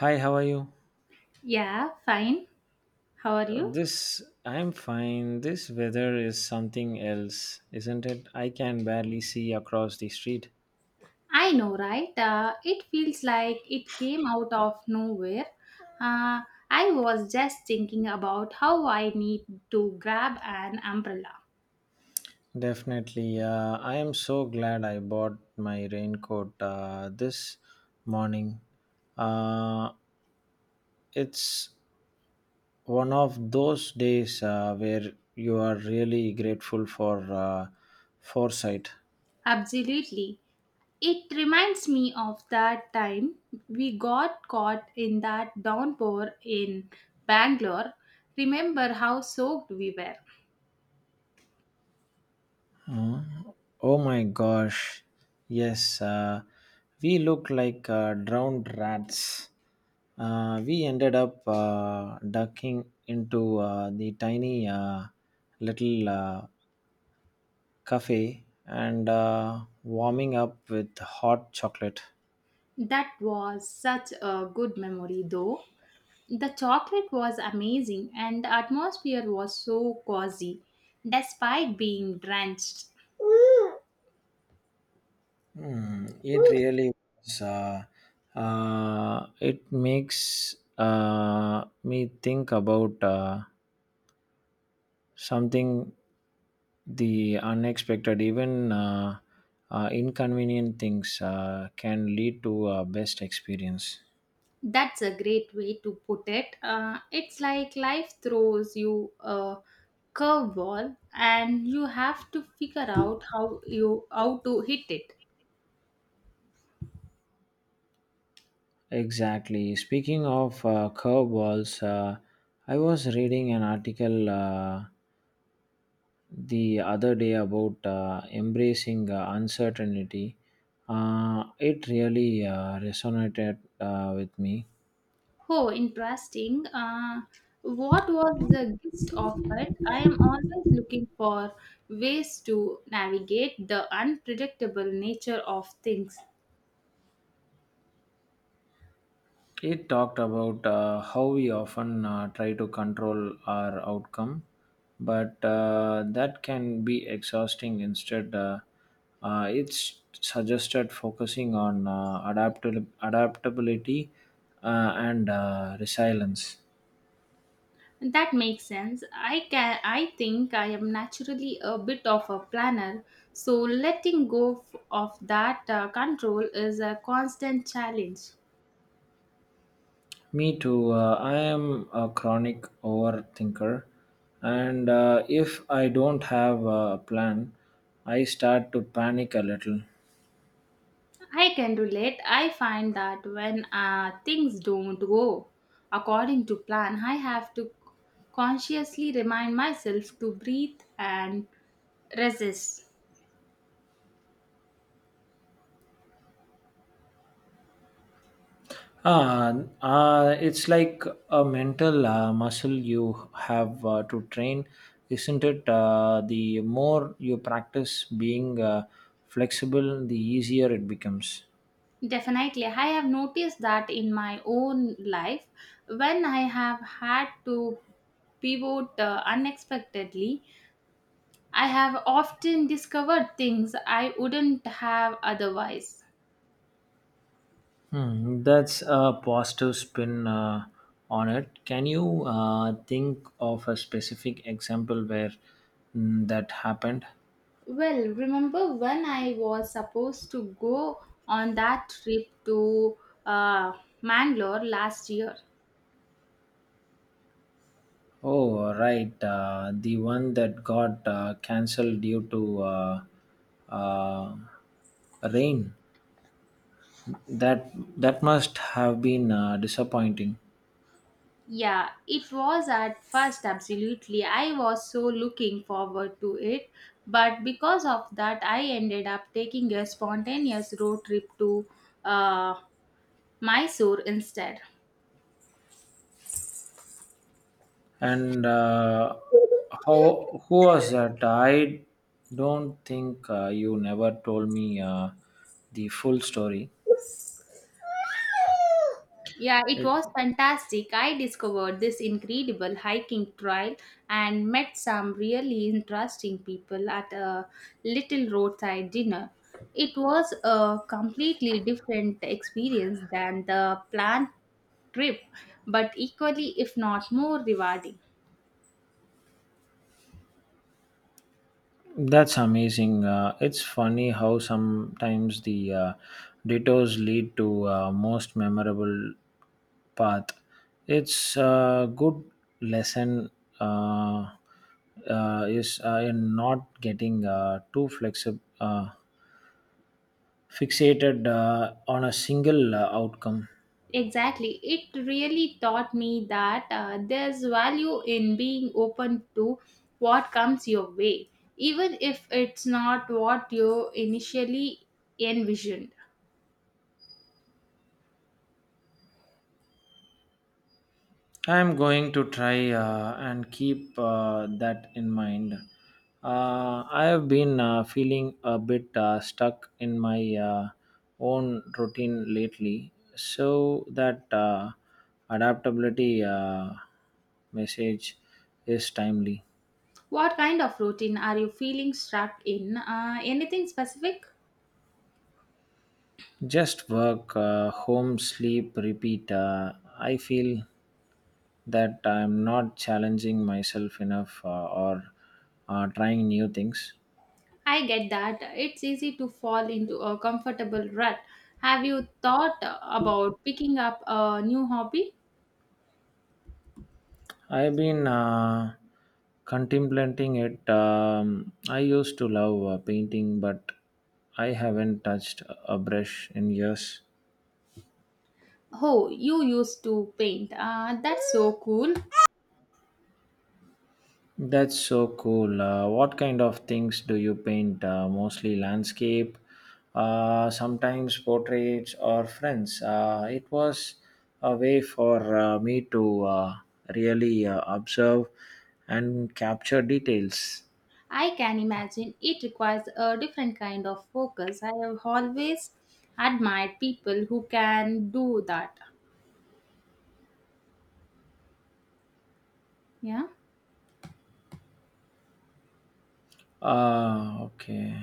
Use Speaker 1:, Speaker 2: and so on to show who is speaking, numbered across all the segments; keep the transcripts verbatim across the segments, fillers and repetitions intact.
Speaker 1: Hi, how are you?
Speaker 2: Yeah, fine. How are
Speaker 1: Uh,
Speaker 2: you?
Speaker 1: this, I'm fine. This weather is something else, isn't it? I can barely see across the street.
Speaker 2: I know, right? Uh, it feels like it came out of nowhere. Uh, I was just thinking about how I need to grab an umbrella.
Speaker 1: Definitely. Uh, I am so glad I bought my raincoat uh, this morning. Uh, it's one of those days uh, where you are really grateful for uh, foresight.
Speaker 2: Absolutely. It reminds me of that time we got caught in that downpour in Bangalore. Remember how soaked we were?
Speaker 1: Oh my gosh. Yes, uh, we look like uh, drowned rats. Uh, we ended up uh, ducking into uh, the tiny uh, little uh, cafe and uh, warming up with hot chocolate.
Speaker 2: That was such a good memory, though. The chocolate was amazing and the atmosphere was so cozy despite being drenched.
Speaker 1: Mm, it really was. Uh, uh, it makes uh, me think about. Uh, something, the unexpected, even uh, uh, inconvenient things uh, can lead to a best experience.
Speaker 2: That's a great way to put it. Uh, it's like life throws you a curveball and you have to figure out how you how to hit it.
Speaker 1: Exactly, speaking of uh, curveballs, uh, I was reading an article uh, the other day about uh, embracing uh, uncertainty. Uh, it really uh, resonated uh, with me.
Speaker 2: Oh, interesting. Uh, what was the gist of it? I am always looking for ways to navigate the unpredictable nature of things.
Speaker 1: It talked about uh, how we often uh, try to control our outcome, but uh, that can be exhausting. Instead, uh, uh, it's suggested focusing on uh, adaptil- adaptability uh, and uh, resilience.
Speaker 2: That makes sense. I can, I think I am naturally a bit of a planner, so letting go f- of that uh, control is a constant challenge.
Speaker 1: Me too. Uh, I am a chronic overthinker, and uh, if I don't have a plan, I start to panic a little.
Speaker 2: I can relate. I find that when uh, things don't go according to plan, I have to consciously remind myself to breathe and resist.
Speaker 1: Ah, uh, it's like a mental uh, muscle you have uh, to train, isn't it? Uh, the more you practice being uh, flexible, the easier it becomes.
Speaker 2: Definitely. I have noticed that in my own life when I have had to pivot uh, unexpectedly, I have often discovered things I wouldn't have otherwise.
Speaker 1: Hmm, that's a positive spin uh, on it. Can you uh, think of a specific example where mm, that happened?
Speaker 2: Well, remember when I was supposed to go on that trip to uh, Mangalore last year?
Speaker 1: Oh, right. Uh, the one that got uh, cancelled due to uh, uh, rain. That that must have been uh, disappointing.
Speaker 2: Yeah, it was at first absolutely. I was so looking forward to it, but because of that, I ended up taking a spontaneous road trip to uh, Mysore instead.
Speaker 1: And uh, how who was that? I don't think uh, you never told me uh, the full story.
Speaker 2: Yeah, it
Speaker 1: It
Speaker 2: was fantastic. I discovered this incredible hiking trail and met some really interesting people at a little roadside dinner. It was a completely different experience than the planned trip, but equally, if not more, rewarding.
Speaker 1: That's amazing. Uh, it's funny how sometimes the uh, detours lead to uh, most memorable path. It's a good lesson, uh, uh, is uh, in not getting uh, too flexible, uh, fixated uh, on a single uh, outcome.
Speaker 2: Exactly. It really taught me that uh, there's value in being open to what comes your way, even if it's not what you initially envisioned.
Speaker 1: I'm going to try uh, and keep uh, that in mind. Uh, I have been uh, feeling a bit uh, stuck in my uh, own routine lately, so that uh, adaptability uh, message is timely.
Speaker 2: What kind of routine are you feeling stuck in? Uh, anything specific?
Speaker 1: Just work, uh, home, sleep, repeat. Uh, I feel that I'm not challenging myself enough uh, or uh, trying new things.
Speaker 2: I get that. It's easy to fall into a comfortable rut. Have you thought about picking up a new hobby?
Speaker 1: I've been uh, contemplating it. Um, I used to love uh, painting, but I haven't touched a brush in years.
Speaker 2: Oh, you used to paint. Uh, that's so cool.
Speaker 1: That's so cool. Uh, what kind of things do you paint? Uh, mostly landscape, uh, sometimes portraits or friends. Uh, it was a way for uh, me to uh, really uh, observe and capture details.
Speaker 2: I can imagine it requires a different kind of focus. I have always admired people who can do that. Yeah,
Speaker 1: Ah, okay.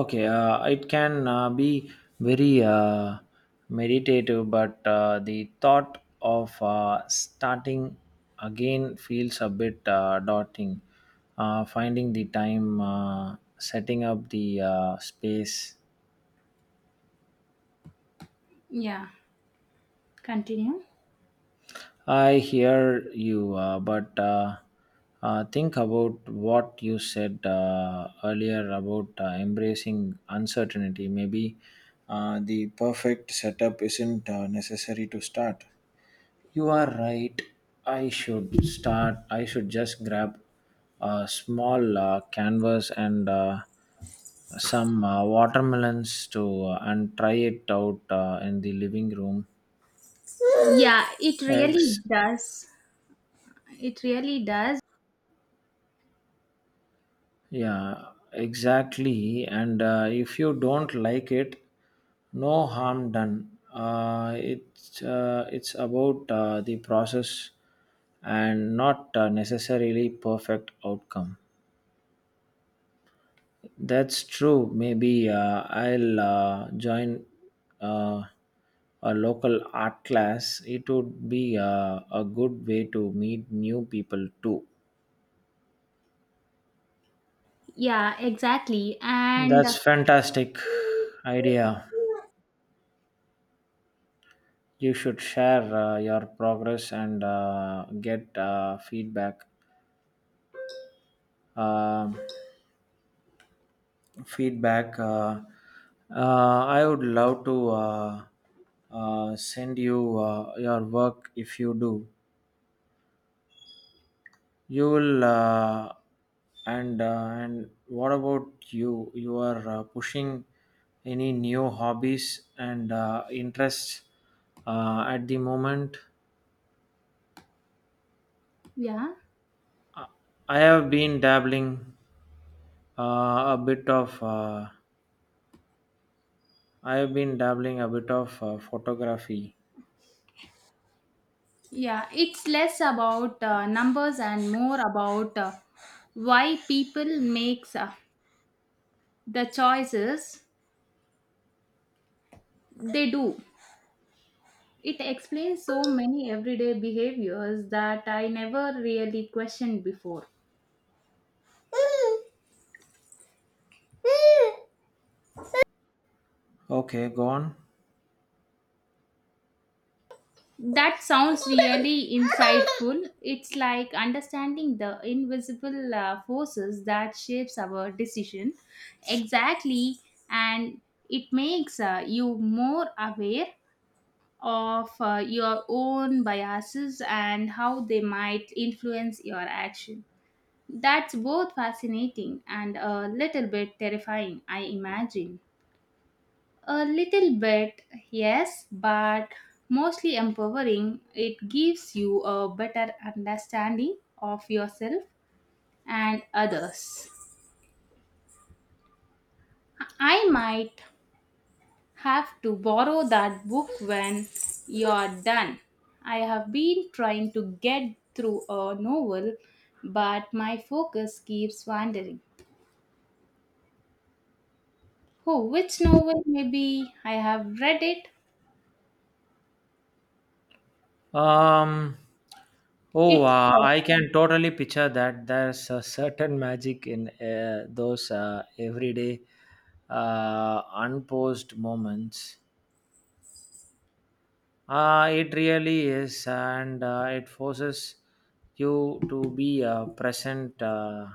Speaker 1: Okay, uh, it can uh, be very uh, meditative, but uh, the thought of uh, starting again feels a bit uh, daunting. Uh, finding the time, uh, setting up the uh, space,
Speaker 2: yeah, continue.
Speaker 1: I hear you, uh, but uh, uh, think about what you said uh, earlier about uh, embracing uncertainty. Maybe uh, the perfect setup isn't uh, necessary to start. You are right. I should start. I should just grab a small uh, canvas and uh, some uh, watermelons to uh, and try it out uh, in the living room.
Speaker 2: Yeah, it really
Speaker 1: Eggs.
Speaker 2: does. It really does.
Speaker 1: Yeah, exactly. And uh, if you don't like it, no harm done. Uh, it's uh, it's about uh, the process and not uh, necessarily perfect outcome. That's true. Maybe uh, I'll uh, join uh, a local art class. It would be uh, a good way to meet new people too.
Speaker 2: Yeah, exactly. And
Speaker 1: That's
Speaker 2: uh,
Speaker 1: fantastic idea. You should share uh, your progress and uh, get uh, feedback Um feedback uh, uh, i would love to uh, uh, send you uh, your work if you do you will, uh, and uh, and what about you? You are uh, pushing any new hobbies and uh, interests uh, at the moment?
Speaker 2: yeah,
Speaker 1: I have been dabbling uh, a bit of uh, I have been dabbling a bit of uh, photography.
Speaker 2: yeah, it's less about uh, numbers and more about uh, why people makes uh, the choices they do. It explains so many everyday behaviors that I never really questioned before.
Speaker 1: Okay, go on.
Speaker 2: That sounds really insightful. It's like understanding the invisible uh, forces that shapes our decision. Exactly, and it makes uh, you more aware of uh, your own biases and how they might influence your action. That's both fascinating and a little bit terrifying, I imagine. A little bit, yes, but mostly empowering. It gives you a better understanding of yourself and others. I might have to borrow that book when you're done. I have been trying to get through a novel, but my focus keeps wandering. Oh, which novel? Maybe I have read it.
Speaker 1: Um, oh,
Speaker 2: It's
Speaker 1: uh,
Speaker 2: uh,
Speaker 1: I can totally picture that. There's a certain magic in uh, those uh, everyday, uh, unposed moments. Uh, it really is, and uh, it forces you to be uh, present, uh,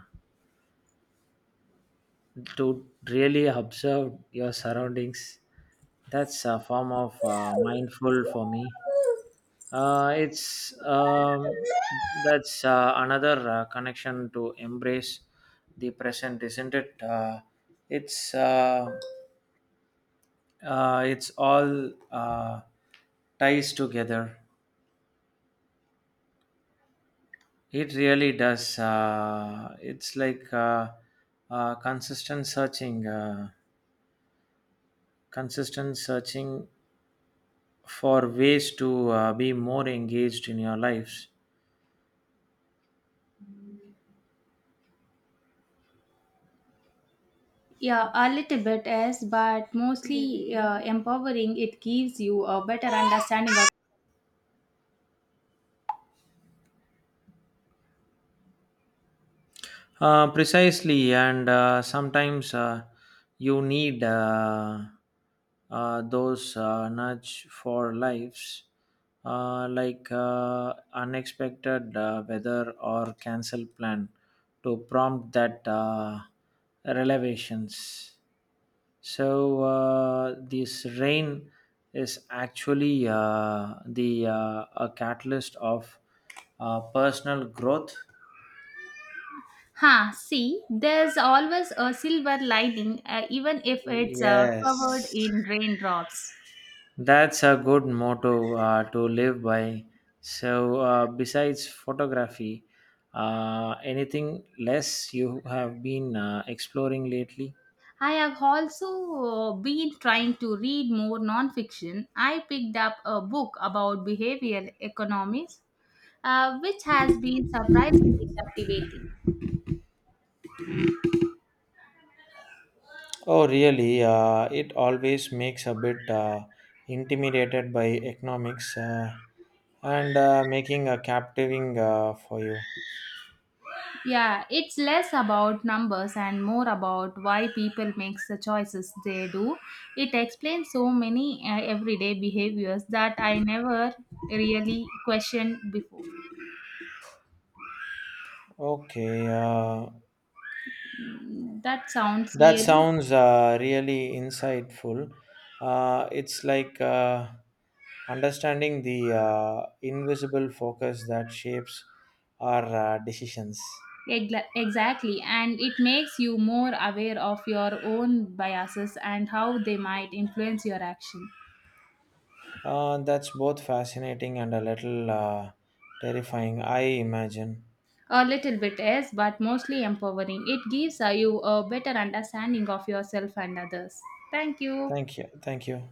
Speaker 1: to really observe your surroundings. That's a form of uh, mindful for me. Uh, it's um, That's uh, another uh, connection to embrace the present, isn't it? Uh, it's uh, uh, it's all uh, ties together. It really does. Uh, it's like uh, uh, consistent searching, uh, consistent searching for ways to uh, be more engaged in your lives.
Speaker 2: Yeah, a little bit as, but mostly uh, empowering. It gives you a better understanding of.
Speaker 1: Uh, precisely, and uh, sometimes uh, you need uh, uh, those uh, nudge for lives, uh, like uh, unexpected uh, weather or cancel plan, to prompt that uh, revelations. So uh, this rain is actually uh, the uh, a catalyst of uh, personal growth.
Speaker 2: Ha! See, there's always a silver lining, uh, even if it's uh, covered
Speaker 1: Yes,
Speaker 2: in raindrops.
Speaker 1: that's a good motto uh, to live by. So, uh, besides photography, uh, anything less you have been uh, exploring lately?
Speaker 2: I have also uh, been trying to read more nonfiction. I picked up a book about behavioral economics, uh, which has been surprisingly captivating.
Speaker 1: Oh, really? Uh, it always makes a bit uh, intimidated by economics uh, and uh, making a captivating uh, for you.
Speaker 2: Yeah, it's less about numbers and more about why people makes the choices they do. It explains so many uh, everyday behaviors that I never really questioned before.
Speaker 1: Okay. Uh,
Speaker 2: That sounds
Speaker 1: That
Speaker 2: really
Speaker 1: sounds uh, really insightful. Uh, it's like uh, understanding the uh, invisible focus that shapes our uh, decisions.
Speaker 2: egla- exactly, and it makes you more aware of your own biases and how they might influence your action.
Speaker 1: Uh, that's both fascinating and a little uh, terrifying, I imagine.
Speaker 2: A little bit yes, but mostly empowering. It gives uh, you a better understanding of yourself and others. Thank you.
Speaker 1: Thank you. Thank you.